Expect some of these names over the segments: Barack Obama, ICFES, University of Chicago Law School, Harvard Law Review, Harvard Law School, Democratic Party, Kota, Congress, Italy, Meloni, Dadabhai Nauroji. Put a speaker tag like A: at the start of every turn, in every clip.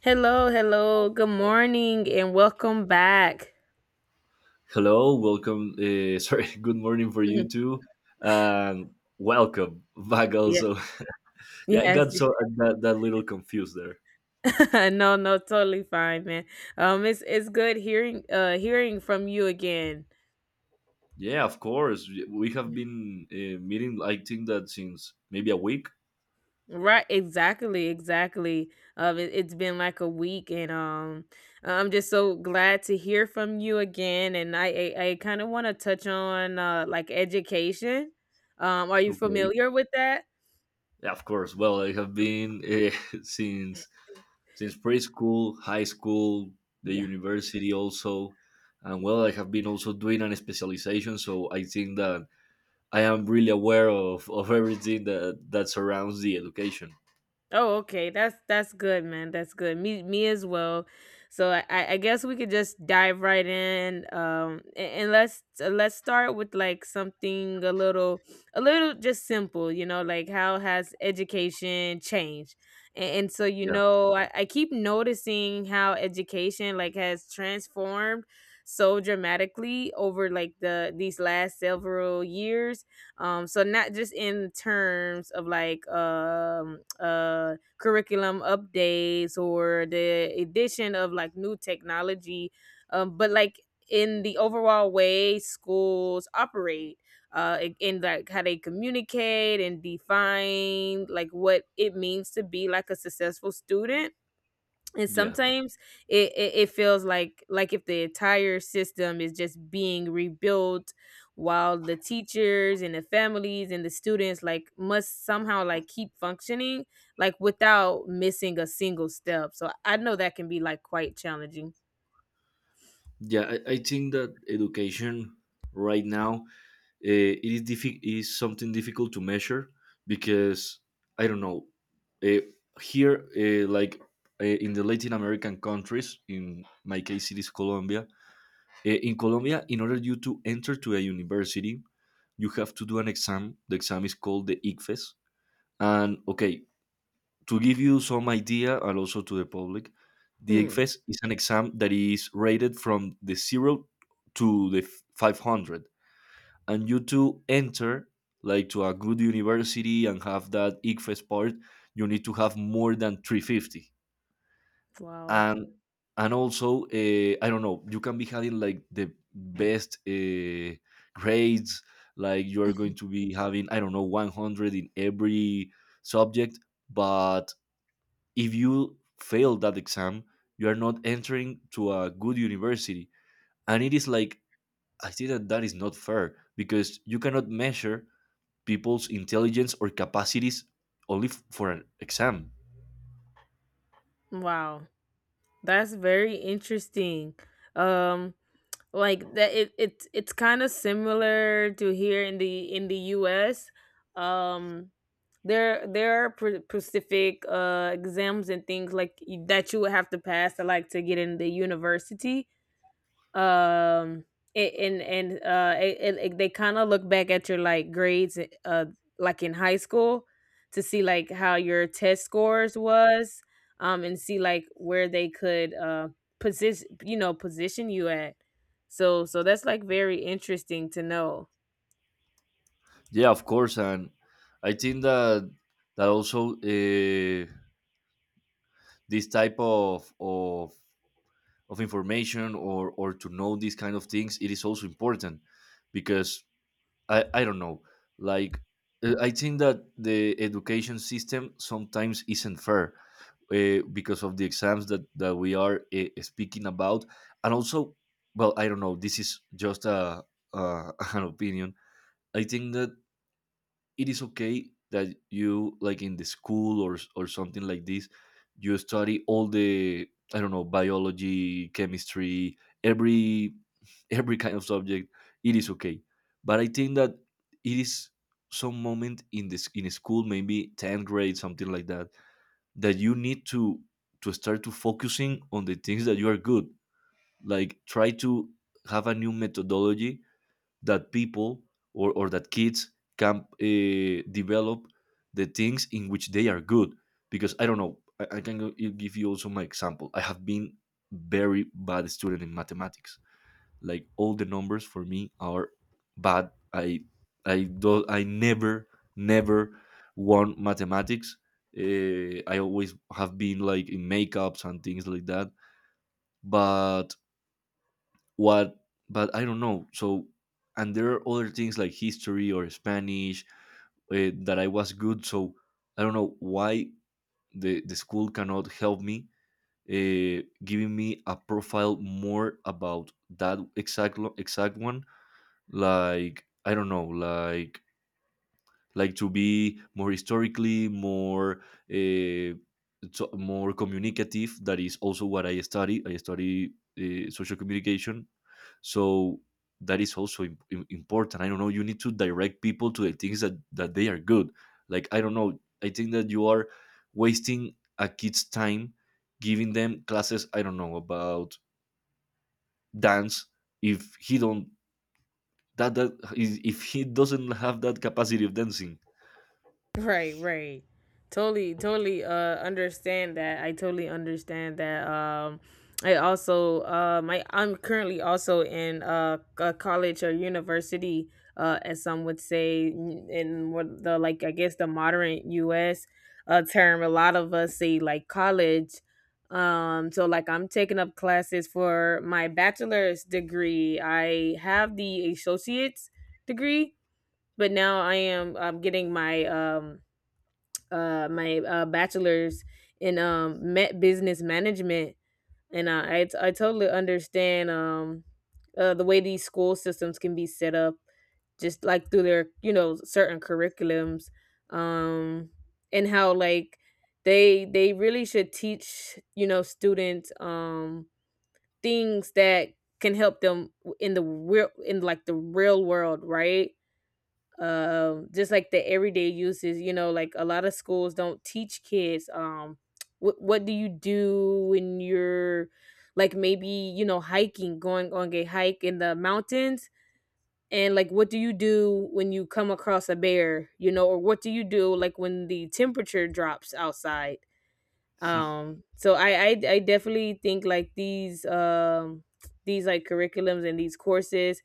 A: Hello, hello. Good morning and welcome back.
B: Hello, welcome. Sorry, good morning for you
A: Mhm.
B: too, and welcome back.
A: Yeah.
B: Also, yeah, I got
A: Yes.
B: so that little confused there.
A: No, no, totally fine, man. It's good hearing hearing from you again.
B: Yeah, of course. We have
A: Mm.
B: been meeting. I think that since maybe a week.
A: Right, exactly, exactly. It's been like a week, and I'm just so glad to hear from you again, and I kind of want to touch on like education. Um, are you
B: Okay.
A: familiar with that?
B: Yeah, of course. Well, I have been since since preschool, high school, the university also, and well, I have been also doing an specialization. So I think that I am really aware of everything that surrounds the education.
A: Oh, okay. That's good, man. That's good. Me as well. So I guess we could just dive right in. And let's start with like something a little just simple, you know, like how has education changed? And so you
B: yeah
A: know, I keep noticing how education like has transformed so dramatically over like these last several years. So not just in terms of like curriculum updates or the addition of like new technology, but like in the overall way schools operate, like how they communicate and define like what it means to be like a successful student. And
B: yeah
A: sometimes it feels like if the entire system is just being rebuilt while the teachers and the families and the students like must somehow like keep functioning like without missing a single step. So I know that can be like quite challenging.
B: I think that education right now, is something difficult to measure because I don't know. Uh, here like, in the Latin American countries, in my case, it is Colombia. In Colombia, in order you to enter to a university, you have to do an exam. The exam is called the icfes, and okay, to give you some idea and also to the public, the
A: Mm.
B: ECFES is an exam that is rated from the zero to the 500. And you to enter like to a good university and have that ICFES part, you need to have more than 350.
A: Wow.
B: And and also, I don't know, you can be having like the best grades, like you are going to be having, I don't know, 100 in every subject, but if you fail that exam, you are not entering to a good university. And it is like, I think that that is not fair because you cannot measure people's intelligence or capacities only for an exam.
A: Wow. That's very interesting. Um, like that it it's kind of similar to here in the US. um there there are specific exams and things like that you would have to pass to like to get in the university. Um a- and and they kind of look back at your like grades uh like in high school, to see like how your test scores was, and see like where they could position, you know, position you at. So so that's like very interesting to know.
B: Yeah, of course. And I think that that also, this type of information or to know these kind of things, it is also important because I don't know. Like, I think that the education system sometimes isn't fair, because of the exams that we are speaking about. And also, well, I don't know. This is just an opinion. I think that it is okay that you, like in the school or, or something like this, you study all the, I don't know, biology, chemistry, every kind of subject. It is okay, but I think that it is some moment in this in school, maybe 10th grade, something like that, that you need to start to focusing on the things that you are good. Like try to have a new methodology that people, or that kids can develop the things in which they are good. Because I don't know, give you also my example. I have been very bad student in mathematics. Like, all the numbers for me are bad. I never never won mathematics. I always have been like in makeups and things like that, but what but I don't know. So, and there are other things like history or Spanish, that I was good. So I don't know why the school cannot help me, giving me a profile more about that exact one, like, I don't know. Like to be more historically more, uh, so more communicative. That is also what I study. I study social communication. So that is also important. I don't know, you need to direct people to the things that they are good. Like, I don't know. I think that you are wasting a kid's time giving them classes, I don't know, about dance, if he don't. That that is if he doesn't have that capacity of dancing.
A: Right, right. Totally, totally understand that. I totally understand that. Um, I also I'm currently also in a college or university, as some would say, in what the like I guess the modern US term, a lot of us say like college. Um, so like I'm taking up classes for my bachelor's degree. I have the associate's degree, but now I'm getting my my bachelor's in met business management, and I totally understand, the way these school systems can be set up, just like through their, you know, certain curriculums, um, and how like they really should teach, you know, students, things that can help them in the real in like the real world, right? Um, just like the everyday uses, you know, like a lot of schools don't teach kids, um, what do you do when you're like, maybe, you know, hiking going on a hike in the mountains, and like what do you do when you come across a bear, you know, or what do you do like when the temperature drops outside. So I definitely think like these like curriculums and these courses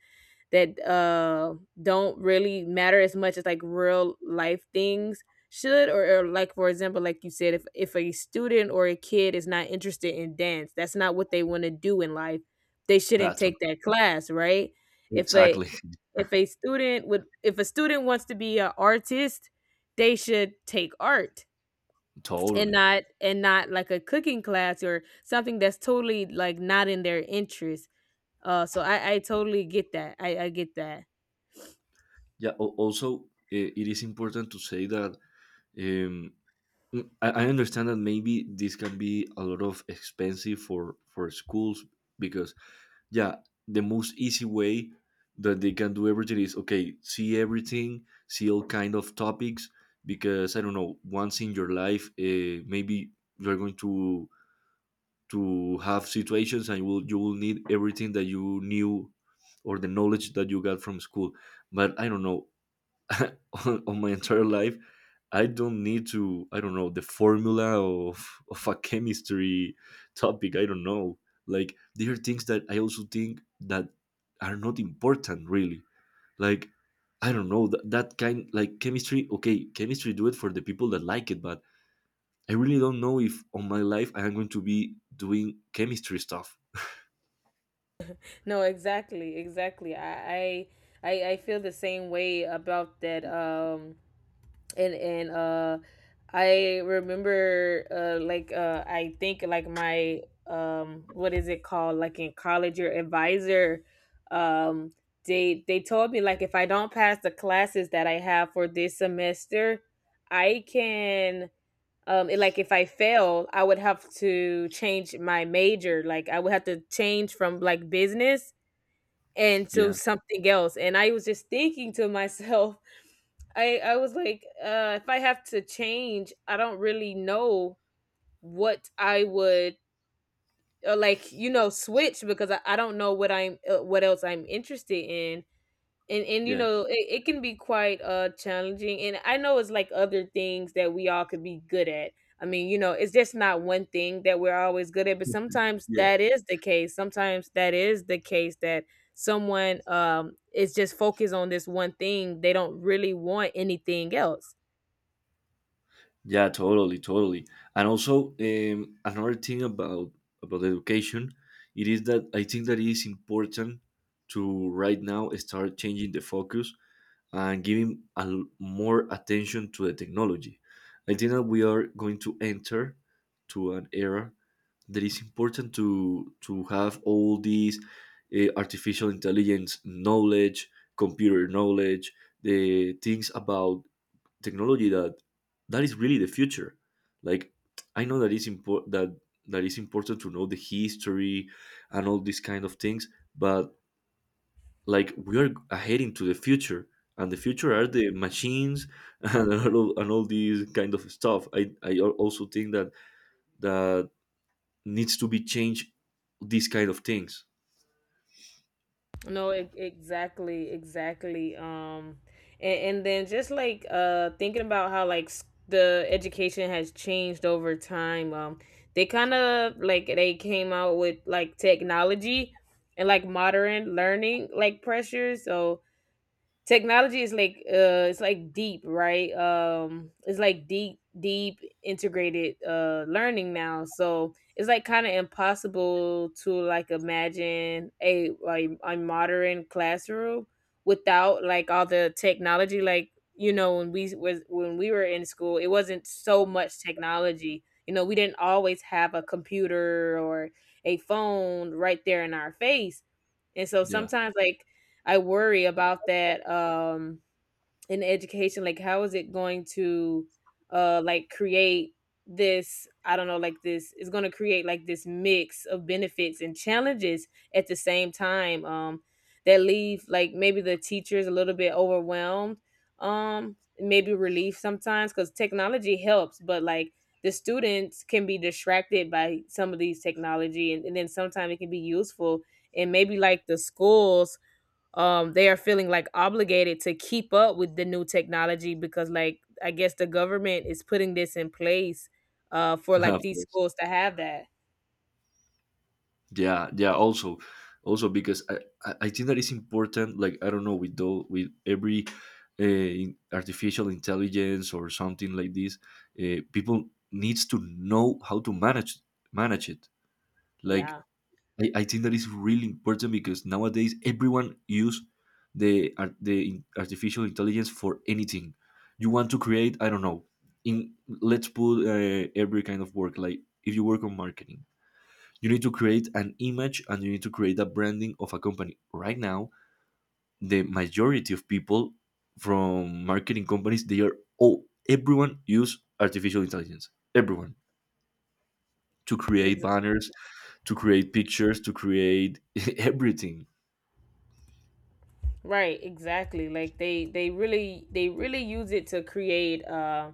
A: that don't really matter as much as like real life things should. Or like for example like you said, if a student or a kid is not interested in dance, that's not what they want to do in life, they shouldn't
B: That's what-
A: take that class, right? If a
B: exactly.
A: if a student would if a student wants to be an artist, they should take art,
B: Totally.
A: and not like a cooking class or something that's totally like not in their interest. So I totally get that, I get that.
B: Yeah. Also, it is important to say that um, I understand that maybe this can be a lot of expensive for schools because, yeah, the most easy way that they can do everything is okay, see everything, see all kind of topics. Because I don't know, once in your life, maybe you're going to have situations and you will need everything that you knew or the knowledge that you got from school. But I don't know, on my entire life, I don't know the formula of a chemistry topic. I don't know, like there are things that I also think that are not important really. Like, I don't know that, that kind like chemistry, okay, chemistry, do it for the people that like it, but I really don't know if on my life I am going to be doing chemistry stuff.
A: No, exactly, exactly. I I feel the same way about that. And I remember, I think like my, what is it called? Like in college, your advisor, um, they told me like if I don't pass the classes that I have for this semester, I can, like if I fail, I would have to change my major, like I would have to change from like business and to
B: yeah
A: something else. And I was just thinking to myself, I was like, if I have to change, I don't really know what I would, or like, you know, switch, because I don't know what I'm what else I'm interested in. And you
B: yeah
A: know it can be quite challenging, and I know it's like other things that we all could be good at. I mean, you know, it's just not one thing that we're always good at, but
B: yeah
A: sometimes that is the case. Sometimes that is the case, that someone, um, is just focused on this one thing, they don't really want anything else.
B: Yeah, totally, totally. And also, another thing about education, it is that I think that it is important to right now start changing the focus and giving more attention to the technology. I think that we are going to enter to an era that is important to have all these artificial intelligence knowledge, computer knowledge, the things about technology that that is really the future. Like, I know that is important that is important to know the history and all these kind of things, but like we are heading to the future, and the future are the machines and all these kind of stuff. Also think that that needs to be changed, these kind of things.
A: No, exactly, exactly. And then just like thinking about how like the education has changed over time. They kind of like they came out with like technology and like modern learning like pressures. So technology is like it's like deep, right? Um, it's like deep deep integrated learning now, so it's like kind of impossible to like imagine a like a modern classroom without like all the technology. Like, you know, when we was when we were in school, it wasn't so much technology, you know, we didn't always have a computer or a phone right there in our face. And so
B: Yeah,
A: sometimes like I worry about that, um, in education, like how is it going to like create this, I don't know, like this is going to create like this mix of benefits and challenges at the same time, um, that leave like maybe the teachers a little bit overwhelmed, um, maybe relief sometimes cuz technology helps, but like the students can be distracted by some of these technology, and then sometimes it can be useful. And maybe like the schools, um, they are feeling like obligated to keep up with the new technology, because like I guess the government is putting this in place for like
B: of
A: these
B: course.
A: schools to have that.
B: Yeah. Also, also because I think that is important. Like, I don't know, with every artificial intelligence or something like this, people needs to know how to manage it. Like,
A: Yeah.
B: I think that is really important because nowadays everyone use the artificial intelligence for anything you want to create. I don't know, in, let's put, every kind of work. Like, if you work on marketing, you need to create an image and you need to create a branding of a company. Right now the majority of people from marketing companies, they are all, everyone use artificial intelligence, everyone, to create
A: ex-
B: banners, to create pictures, to create everything.
A: right, exactly, like they really they really use it to create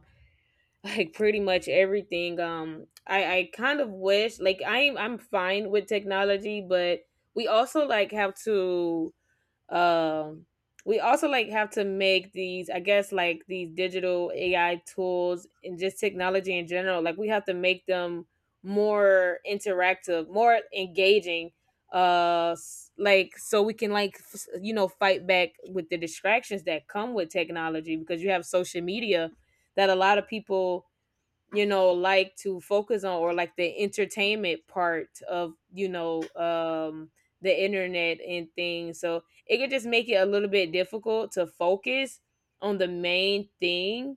A: like pretty much everything. Um, I kind of wish like I'm fine with technology, but we also like have to, um, we also like have to make these, I guess, like these digital AI tools and just technology in general. Like we have to make them more interactive, more engaging. Like so we can like you know fight back with the distractions that come with technology, because you have social media that a lot of people, you know, like to focus on, or like the entertainment part of, you know, um, the internet and things. So it could just make it a little bit difficult to focus on the main thing.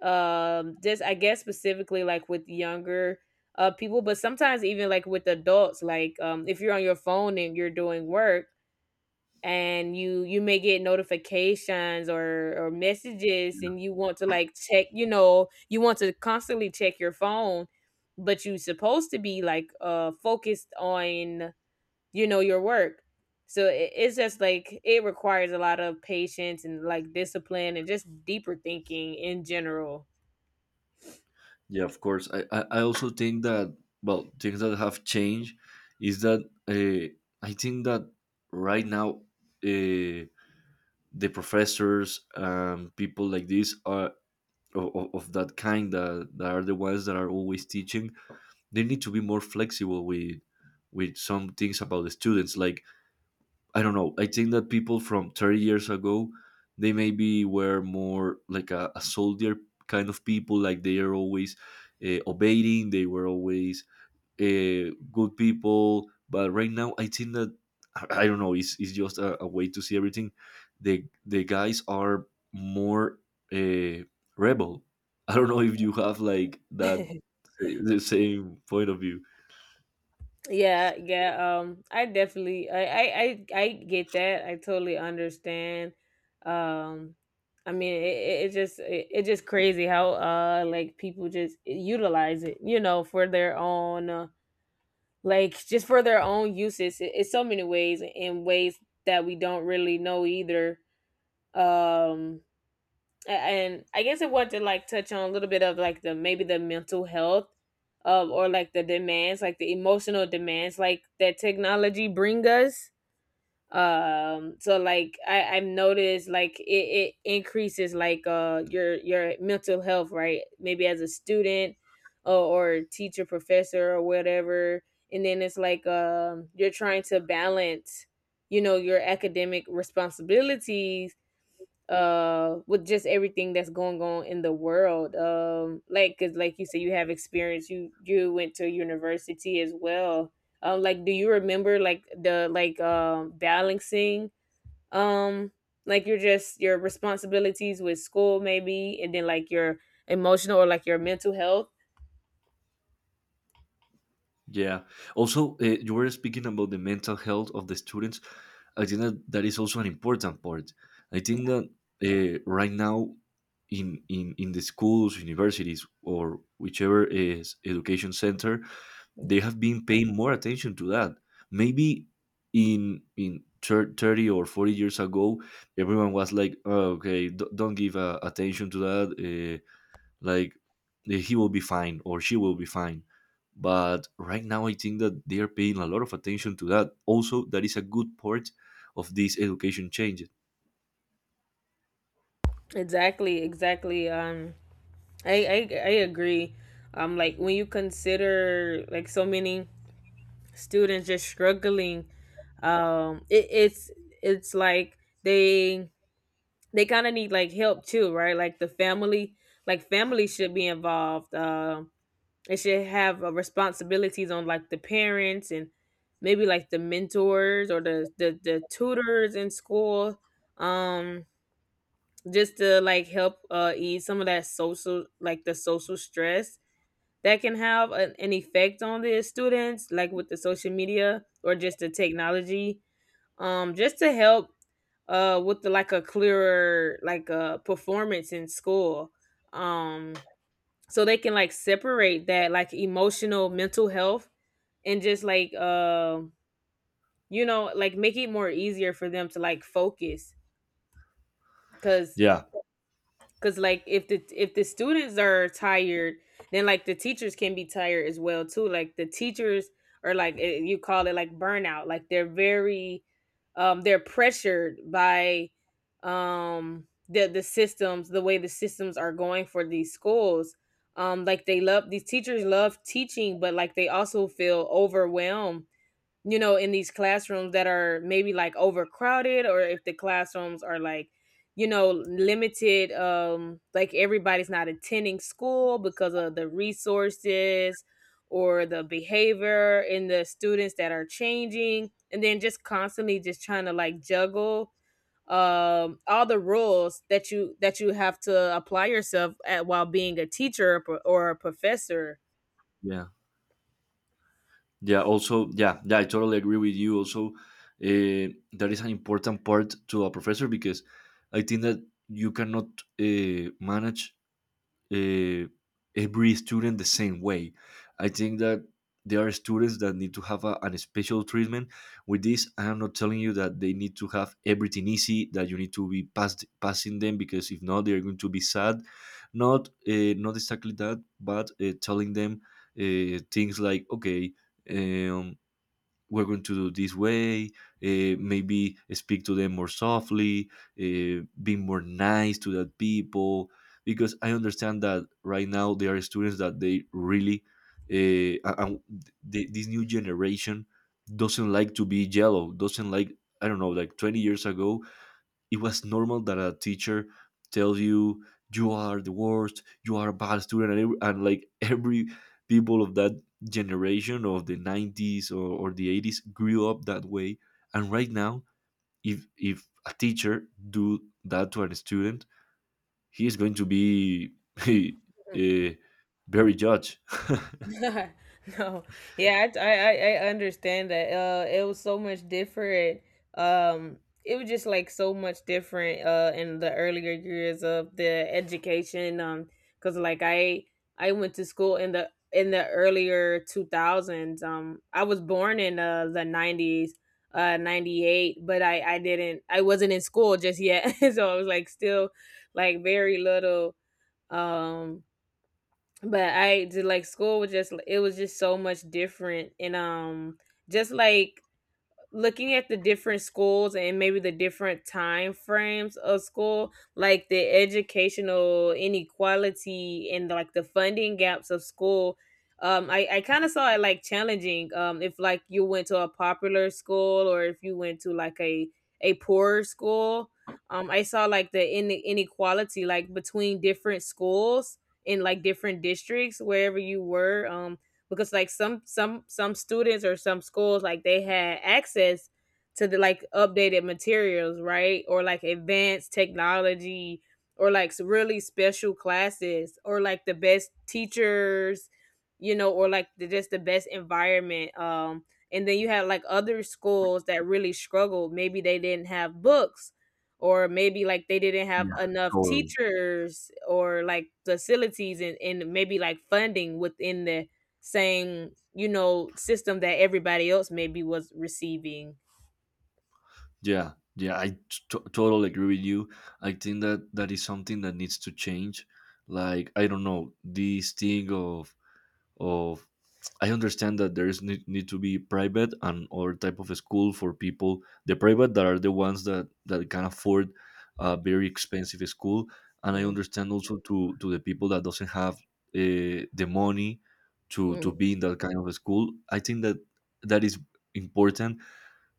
A: Um, just I guess specifically like with younger people, but sometimes even like with adults, like if you're on your phone and you're doing work, and you may get notifications or messages, and you want to like check, you know, you want to constantly check your phone, but you are supposed to be like focused on, you know, your work. So it's just like it requires a lot of patience and like discipline and just deeper thinking in general.
B: Yeah, of course. I also think that, well, things that have changed is that, uh, I think that right now, uh, the professors, people like this are of that kind that are the ones that are always teaching. They need to be more flexible with some things about the students. Like, I don't know, I think that people from 30 years ago, they maybe were more like a soldier kind of people. Like, they are always obeying. They were always good people. But right now, I think that, I don't know. It's, a way to see everything. The guys are more uh, rebel. I don't know if you have like that, the same point of view.
A: Yeah, yeah. I definitely, I get that. I totally understand. Um, I mean, it it's just, it's just crazy how, like people just utilize it, you know, for their own, like just for their own uses. It's so many ways in ways that we don't really know either. Um, and I guess I want to like touch on a little bit of like the maybe the mental health, um, or like the demands, like the emotional demands like that technology bring us. Um, so like I I've noticed like it increases like your mental health, right, maybe as a student or teacher, professor, or whatever. And then it's like, um, you're trying to balance, you know, your academic responsibilities with just everything that's going on in the world, um, like because like you said you have experience, you went to university as well. Um, like do you remember like the like balancing, um, like your just your responsibilities with school maybe, and then like your emotional or like your mental health?
B: Yeah. Also, you were speaking about the mental health of the students. I think that that is also an important part. I think that, right now in, in the schools, universities, or whichever is education center,
A: Yeah.
B: they have been paying more attention to that. Maybe in 30 or 40 years ago, everyone was like, oh, "Okay, don't give attention to that. Like, he will be fine or she will be fine." But right now, I think that they are paying a lot of attention to that. Also, that is a good part of this education change.
A: Exactly, exactly. I agree. Like when you consider like so many students just struggling, it's it's like they kind of need like help too, right? Like the family, like family should be involved. It should have responsibilities on like the parents and maybe like the mentors or the tutors in school. um just to like help ease some of that social, like the social stress that can have an effect on the students, like with the social media or just the technology. Just to help with the like a clearer, like performance in school. um so they can like separate that, like emotional mental health. And just like, like make it more easier for them to like focus, because
B: Yeah,
A: cause like if the students are tired, then like the teachers can be tired as well too. Like the teachers are like, you call it like burnout. Like they're very, they're pressured by, the systems, the way the systems are going for these schools. Like they love, these teachers love teaching, but like they also feel overwhelmed, in these classrooms that are maybe like overcrowded, or if the classrooms are like, limited, like everybody's not attending school because of the resources or the behavior in the students that are changing. And then just constantly just trying to like juggle, all the rules that you have to apply yourself at while being a teacher or a professor.
B: yeah. Yeah, also, yeah, yeah, I totally agree with you. Also, that is an important part to a professor because I think that you cannot manage, uh, every student the same way. I think that there are students that need to have an special treatment. With this, I am not telling you that they need to have everything easy, that you need to be passing them, because if not, they are going to be sad. Not not exactly that, but telling them things like, okay, um, we're going to do this way. Maybe speak to them more softly, be more nice to that people. Because I understand that right now there are students that they really, uh, and this new generation doesn't like to be yellow, doesn't like, I don't know, like 20 years ago, it was normal that a teacher tells you, you are the worst, you are a bad student. And like every people of that generation of the 90s, or the 80s grew up that way. And right now, if a teacher do that to a student, he is going to be eh, very judged.
A: No, yeah, I understand that. It was so much different. Um, it was just like so much different. In the earlier years of the education. Because like I went to school in the earlier two thousands. I was born in, the 90s, 98, but I didn't I wasn't in school just yet, so I was like still like very little. Um but I did like school was just, it was just so much different. And, just like looking at the different schools and maybe the different time frames of school, like the educational inequality and like the funding gaps of school. I kind of saw it like challenging, if like you went to a popular school, or if you went to like a poorer school. I saw like the inequality, like between different schools in like different districts wherever you were. Because like some students or some schools like they had access to the like updated materials, right? Or like advanced technology, or like really special classes, or like the best teachers, or like just the best environment. And then you had like other schools that really struggled. Maybe they didn't have books, or maybe like they didn't have
B: Yeah,
A: enough
B: totally.
A: teachers or like facilities, and maybe like funding within the same, system that everybody else maybe was receiving.
B: Yeah, yeah, totally agree with you. I think that that is something that needs to change. Like I don't know this thing of I understand that there is need to be private and other type of school for people. The private that are the ones that can afford a very expensive school, and I understand also to the people that doesn't have the money to
A: Mm-hmm.
B: be in that kind of a school. I think that that is important,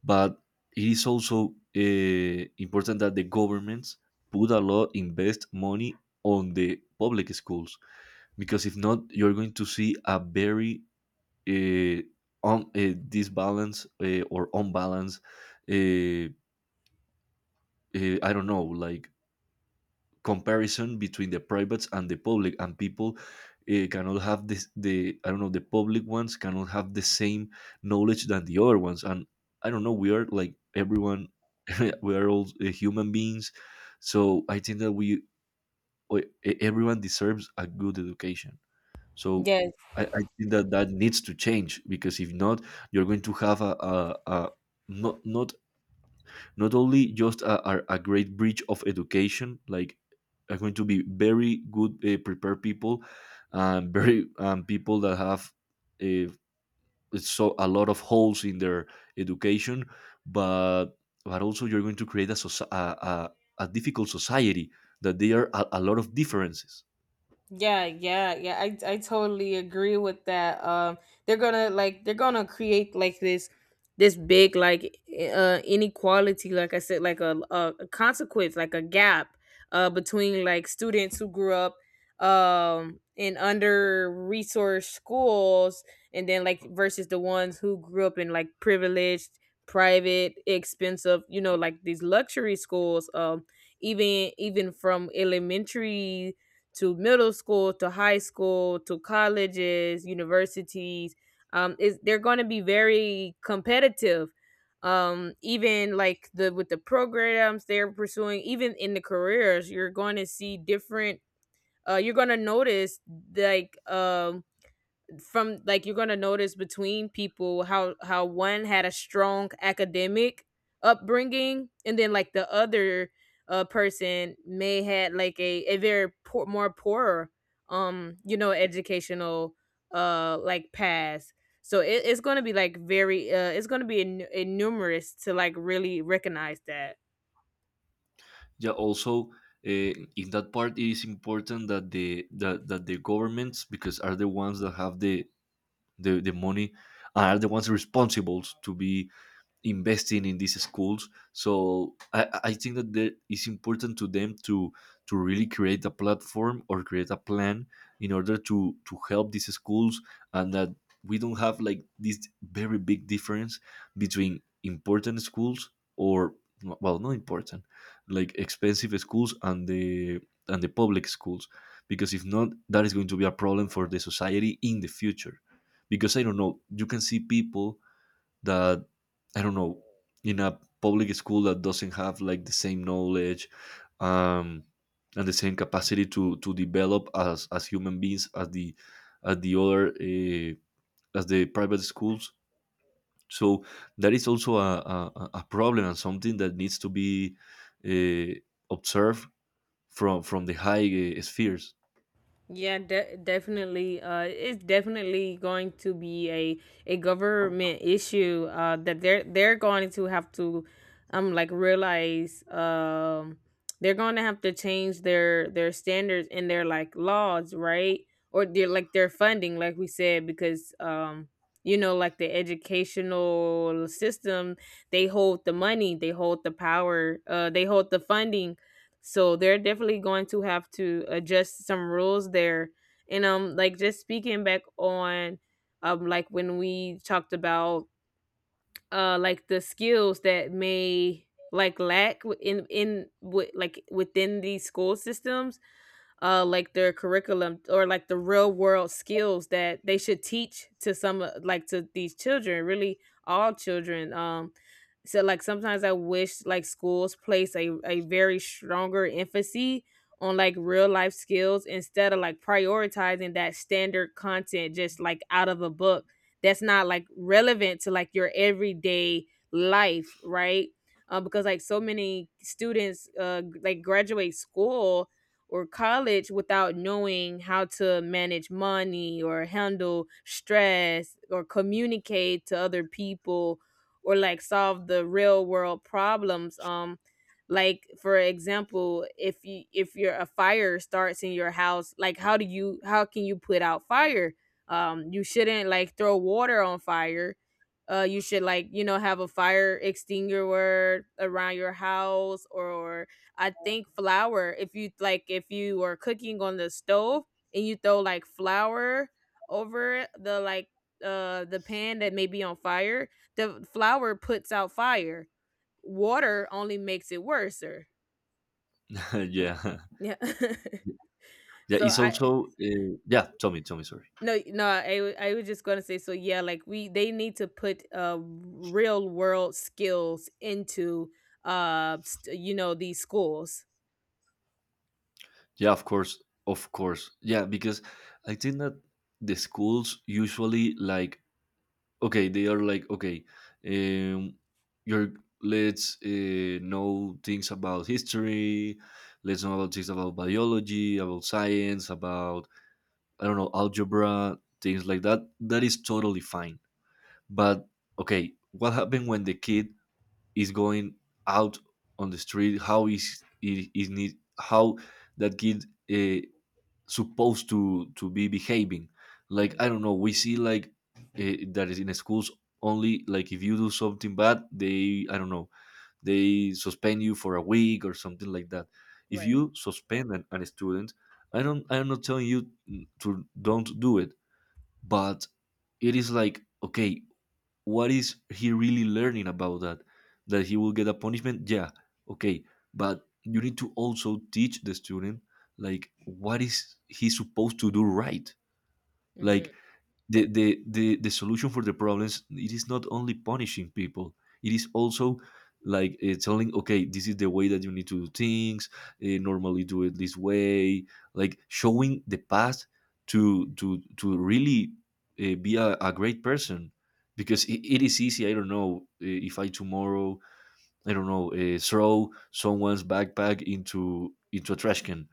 B: but it is also important that the governments put a lot invest money on the public schools, because if not you're going to see a very uh, disbalance or unbalanced, uh, I don't know like comparison between the privates and the public, and people cannot have this the I don't know the public ones cannot have the same knowledge than the other ones. And I don't know, we are like everyone, we are all human beings. So I think that everyone deserves a good education. So
A: Yes.
B: I think that that needs to change, because if not, you're going to have a not not not only just a great bridge of education, like are going to be very good prepared people, and very people that have uh, so a lot of holes in their education. but but also you're going to create a difficult society, that there are a lot of differences.
A: Yeah, yeah, yeah. I totally agree with that. They're gonna like they're gonna create like this big, like, inequality, like I said, like a consequence, like a gap between like students who grew up, in under resourced schools, and then like versus the ones who grew up in like privileged, private, expensive, like these luxury schools. Even from elementary to middle school to high school to colleges, universities. Is, they're going to be very competitive. Even like the with the programs they're pursuing, even in the careers, you're going to see different. You're going to notice, like, from like, you're gonna notice between people, how one had a strong academic upbringing, and then like the other, person may had like a very poor, more poorer, you know, educational, like, path. So it's gonna be like very, it's gonna be numerous to like really recognize that.
B: Yeah, also in that part it is important that that the governments, because are the ones that have the the money, are the ones responsible to be investing in these schools. So I think that there, it's important to them to really create a platform or create a plan in order to help these schools, and that we don't have like this very big difference between important schools or, well, not important, like expensive schools and the public schools, because if not that is going to be a problem for the society in the future. Because I don't know, you can see people that, I don't know, in a public school that doesn't have like the same knowledge, um, and the same capacity to develop as human beings as the other as the private schools. So that is also a problem and something that needs to be uh, observed from the high spheres.
A: Yeah, definitely. It's definitely going to be a government issue. That they're going to have to, like, realize. They're going to have to change their standards and their like laws, right? Or their like their funding, like we said, because, like, the educational system, they hold the money, they hold the power, they hold the funding, so they're definitely going to have to adjust some rules there. And, like, just speaking back on, like when we talked about, like the skills that may like lack, in within these school systems, like their curriculum, or like the real world skills that they should teach to some, like to these children, really all children. So like sometimes I wish like schools place a very stronger emphasis on like real life skills, instead of like prioritizing that standard content just like out of a book that's not like relevant to like your everyday life, right? Because like so many students, like, graduate school or college, without knowing how to manage money or handle stress or communicate to other people, or like solve the real world problems. Like for example, if your a fire starts in your house, like how can you put out fire? You shouldn't like throw water on fire. You should, like, you know, have a fire extinguisher around your house. Or, I think flour, if you like if you are cooking on the stove and you throw like flour over it, the pan that may be on fire, the flour puts out fire. Water only makes it worser.
B: Yeah,
A: Yeah.
B: yeah.
A: So
B: It's
A: I,
B: also yeah. Tell me, sorry.
A: no, no, I was just going to say, so yeah, like we they need to put, real world skills into, these schools.
B: Yeah, of course, of course. Yeah, because I think that the schools usually like, okay, they are like, okay, um, you're, let's know things about history, let's know about things about biology, about science, about, I don't know, algebra, things like that. That is totally fine. But okay, what happened when the kid is going out on the street? How is need how that kid uh, supposed to be behaving? Like
A: Mhm.
B: I don't know, we see like that is in schools, only like if you do something bad they, I don't know, they suspend you for a week or something like that. If
A: Right.
B: you suspend an student, I don't, I'm not telling you to don't do it, but it is like, okay, what is he really learning about that? That he will get a punishment? Yeah, okay, but you need to also teach the student like what is he supposed to do, right? Like
A: Mhm.
B: the the solution for the problems, it is not only punishing people, it is also like telling, okay, this is the way that you need to do things. Normally do it this way, like showing the path to really be a great person. Because it is easy, I don't know, if I tomorrow, I don't know, throw someone's backpack into a trash can,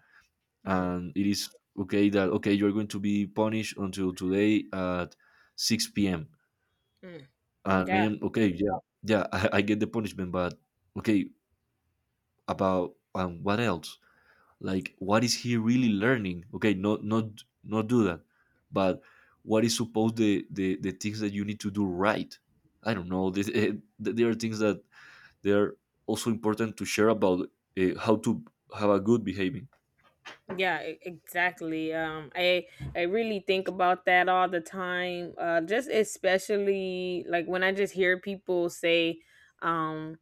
A: Mhm.
B: and it is okay that, okay, you're going to be punished until today at 6 p.m.
A: Mm.
B: And I
A: Yeah.
B: am okay, yeah, yeah. I get the punishment, but okay, about what else? Like what is he really learning? Okay, not not not do that, but what is supposed, the things that you need to do right. I don't know this, there are things that they are also important to share about, how to have a good behaving.
A: Yeah, exactly. I really think about that all the time. Just especially like when I just hear people say, um,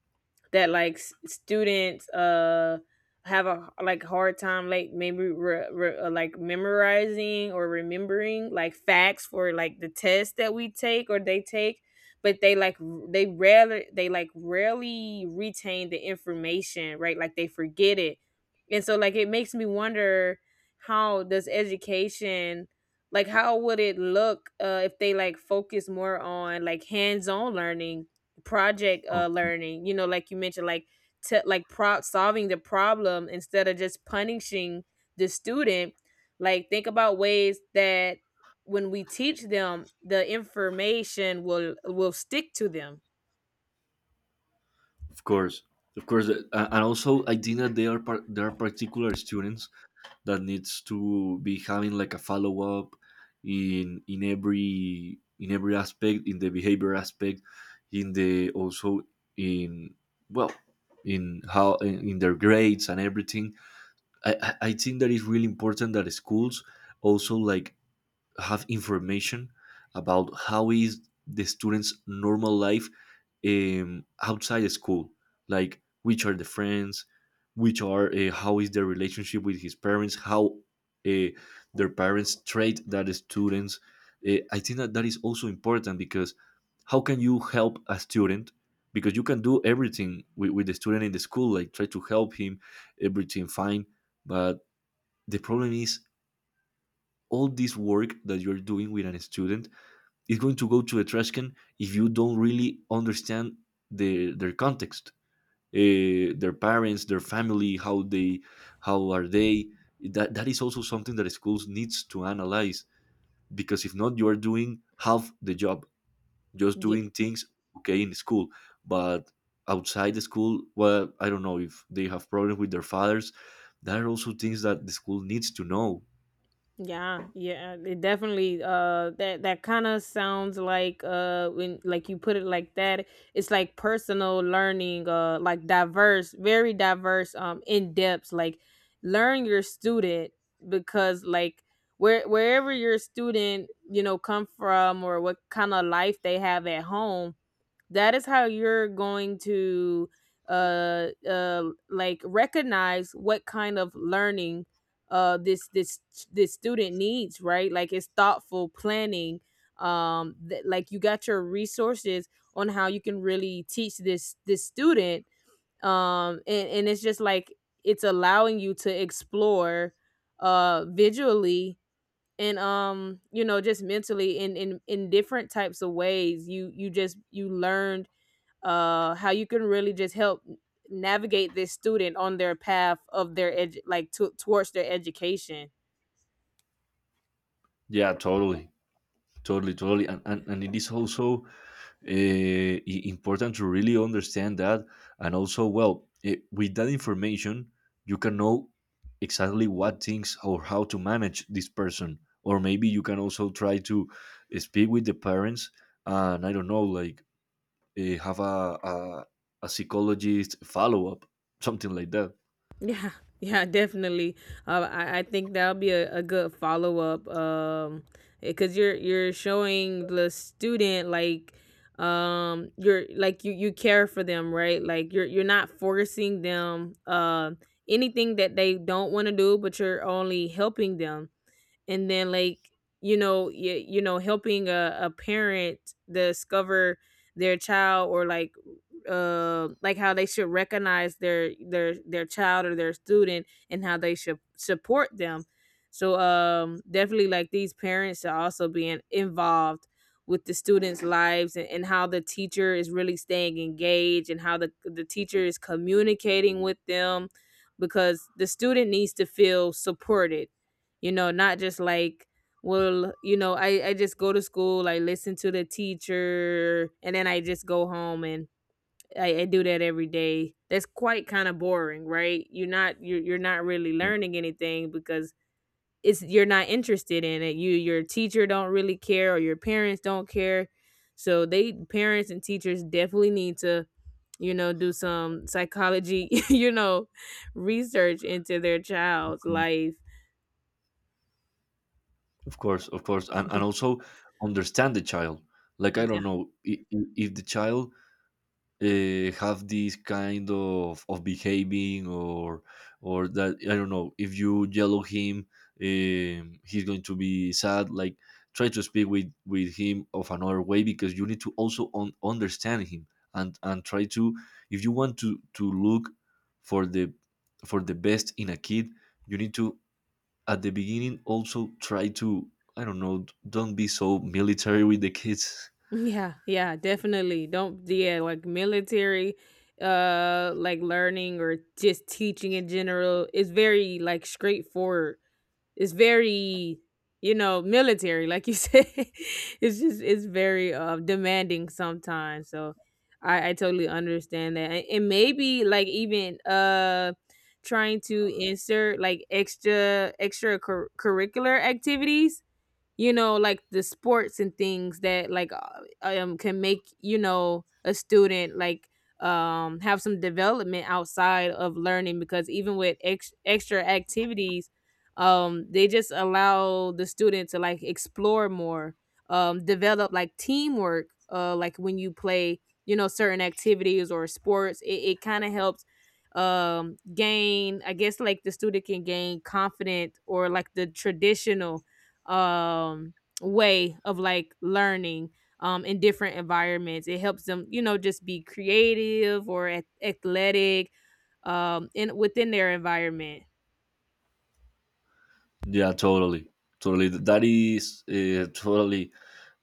A: that like students, have a, like, hard time, like, maybe like, memorizing or remembering like facts for like the test that we take or they take, but they like, they rarely, they like rarely retain the information, right? Like they forget it. And so like it makes me wonder, how does education, like how would it look, if they like focus more on like hands-on learning, project, learning, you know, like you mentioned, like solving the problem instead of just punishing the student. Like, think about ways that when we teach them the information will stick to them.
B: Of course, of course, and also I think that there are there are particular students that needs to be having like a follow up in every, in every aspect, in the behavior aspect, in the also in, well, in how, in their grades and everything. I think that it's really important that schools also like have information about how is the students' normal life outside of school, like which are the friends, which are how is their relationship with his parents, how uh, their parents treat that students. I think that that is also important, because how can you help a student? Because you can do everything with the student in the school, like try to help him, everything fine, but the problem is all this work that you're doing with a student is going to go to a trash can if you don't really understand the, their context, their parents, their family, how they, how are they. That that is also something that schools needs to analyze, because if not, you are doing half the job, just doing things okay in school, but outside the school, well, I don't know if they have problems with their fathers. That are also things that the school needs to know.
A: Yeah, yeah, it definitely, that kind of sounds like, when like you put it like that, it's like personal learning, like, diverse, very diverse, in depth, like, learn your student. Because like wherever your student, you know, come from or what kind of life they have at home, that is how you're going to, uh uh like recognize what kind of learning, uh this this this student needs, right? Like it's thoughtful planning. Like, you got your resources on how you can really teach this student. And it's just like it's allowing you to explore, visually and, you know, just mentally, in different types of ways, you just you learned, how you can really just help navigate this student on their path of their, edu- like to towards their education.
B: Yeah, totally. Totally, totally, and it is also I- important to really understand that, and also, well, it, with that information, you can know exactly what things or how to manage this person, or maybe you can also try to speak with the parents, and I don't know, like have a psychologist follow up, something like that.
A: Yeah, yeah, definitely. I think that'll be a good follow up. Because you're showing the student, like, you're like you care for them, right? Like you're not forcing them, anything that they don't want to do, but you're only helping them. And then like, helping a parent discover their child, or like, like how they should recognize their child or their student and how they should support them. So, definitely, like these parents should also be involved with the students lives, and how the teacher is really staying engaged and how the teacher is communicating with them. Because the student needs to feel supported, not just like, well, you know, I just go to school, I listen to the teacher, and then I just go home, and I do that every day. That's quite kind of boring, right? You're not really learning anything, because it's you're not interested in it, your teacher don't really care, or your parents don't care. So they parents and teachers definitely need to, you know, do some psychology, you know, research into their child's
B: Mm.
A: life.
B: Of course, and also understand the child. Like I don't know, if the child have this kind of behaving or that. I don't know, if you yell at him, he's going to be sad. Like try to speak with him of another way, because you need to also un- understand him, and try to, if you want to look for the for the best in a kid, you need to, at the beginning, also try to, I don't know, don't be so military with the kids.
A: Yeah, yeah, definitely. Don't Yeah, like military, like learning, or just teaching in general, is very like straightforward. It's very, you know, military like you said. It's very, demanding sometimes. So I totally understand that. And maybe like, even, trying to insert, like, extra curricular activities, you know, like the sports and things that like, can make, you know, a student like, have some development outside of learning. Because even with extra activities, they just allow the student to like explore more. Develop like teamwork. Like when you play, you know, certain activities or sports, it kind of helps, gain, I guess, like the student can gain confident, or like the traditional, um way of like learning, in different environments, it helps them, you know, just be creative or athletic, in within their environment.
B: Yeah, totally, totally. That is totally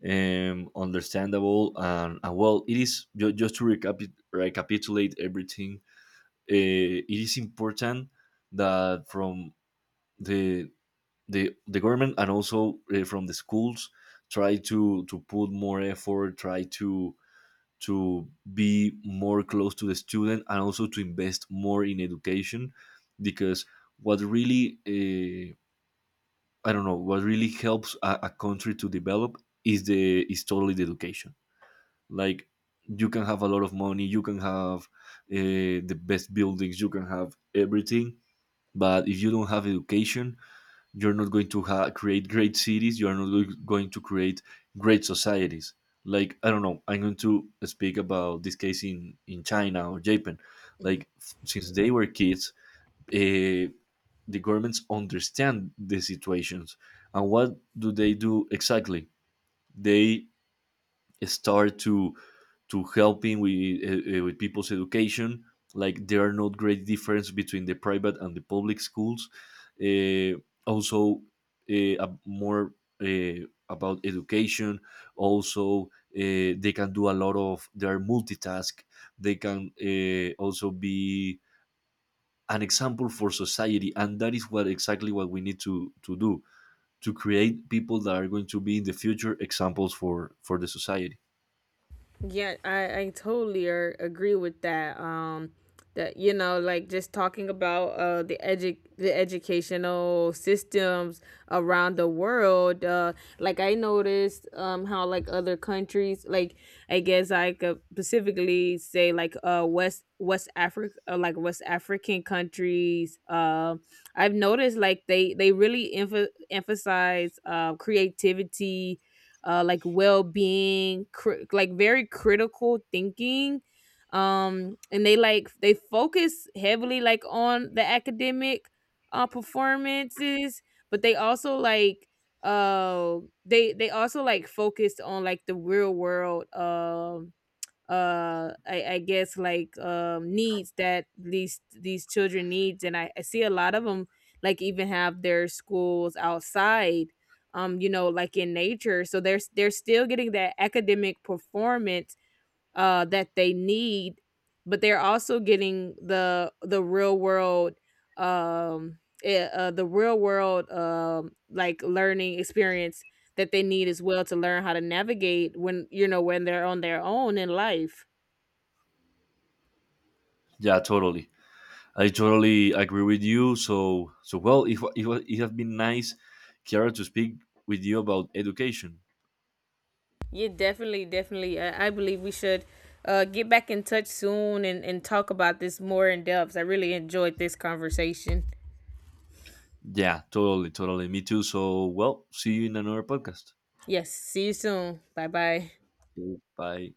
B: understandable, and well, it is just to recapitulate everything. It is important that from the the government and also from the schools, try to put more effort, try to be more close to the student, and also to invest more in education, because what really I don't know, what really helps a country to develop is the is totally the education. Like you can have a lot of money, you can have the best buildings, you can have everything, but if you don't have education, you're not going to create great cities. You are not going to create great societies. Like I don't know, I'm going to speak about this case in China or Japan. Like since they were kids, uh, the governments understand the situations, and what do they do exactly? They start to helping with people's education. Like there are not great difference between the private and the public schools. uh, Also more about education, also they can do a lot of, they are multitask, they can also be an example for society, and that is what exactly what we need to do, to create people that are going to be in the future examples for the society.
A: Yeah, I totally agree with that. That, you know, like just talking about, the educational systems around the world. Like I noticed, how like other countries, like I guess I could specifically say, like, West Africa, like West African countries. I've noticed like they really emphasize, creativity, like well-being, like very critical thinking. And they like they focus heavily like on the academic, performances, but they also like, uh they also like focused on like the real world. I guess like, needs that these children needs. And I see a lot of them like even have their schools outside, you know, like in nature. So they're still getting that academic performance, that they need. But they're also getting the real world. Um eh, the real world like learning experience that they need as well to learn how to navigate when you know when they're on their own in life
B: Yeah, totally. I totally agree with you. So, so, well, it has been nice, Kiara, to speak with you about education.
A: Yeah, definitely, definitely. I believe we should, get back in touch soon, and talk about this more in depth. I really enjoyed this conversation.
B: Yeah, totally, totally, me too. So, well, see you in another podcast.
A: Yes, see you soon. Bye bye.
B: Okay, bye.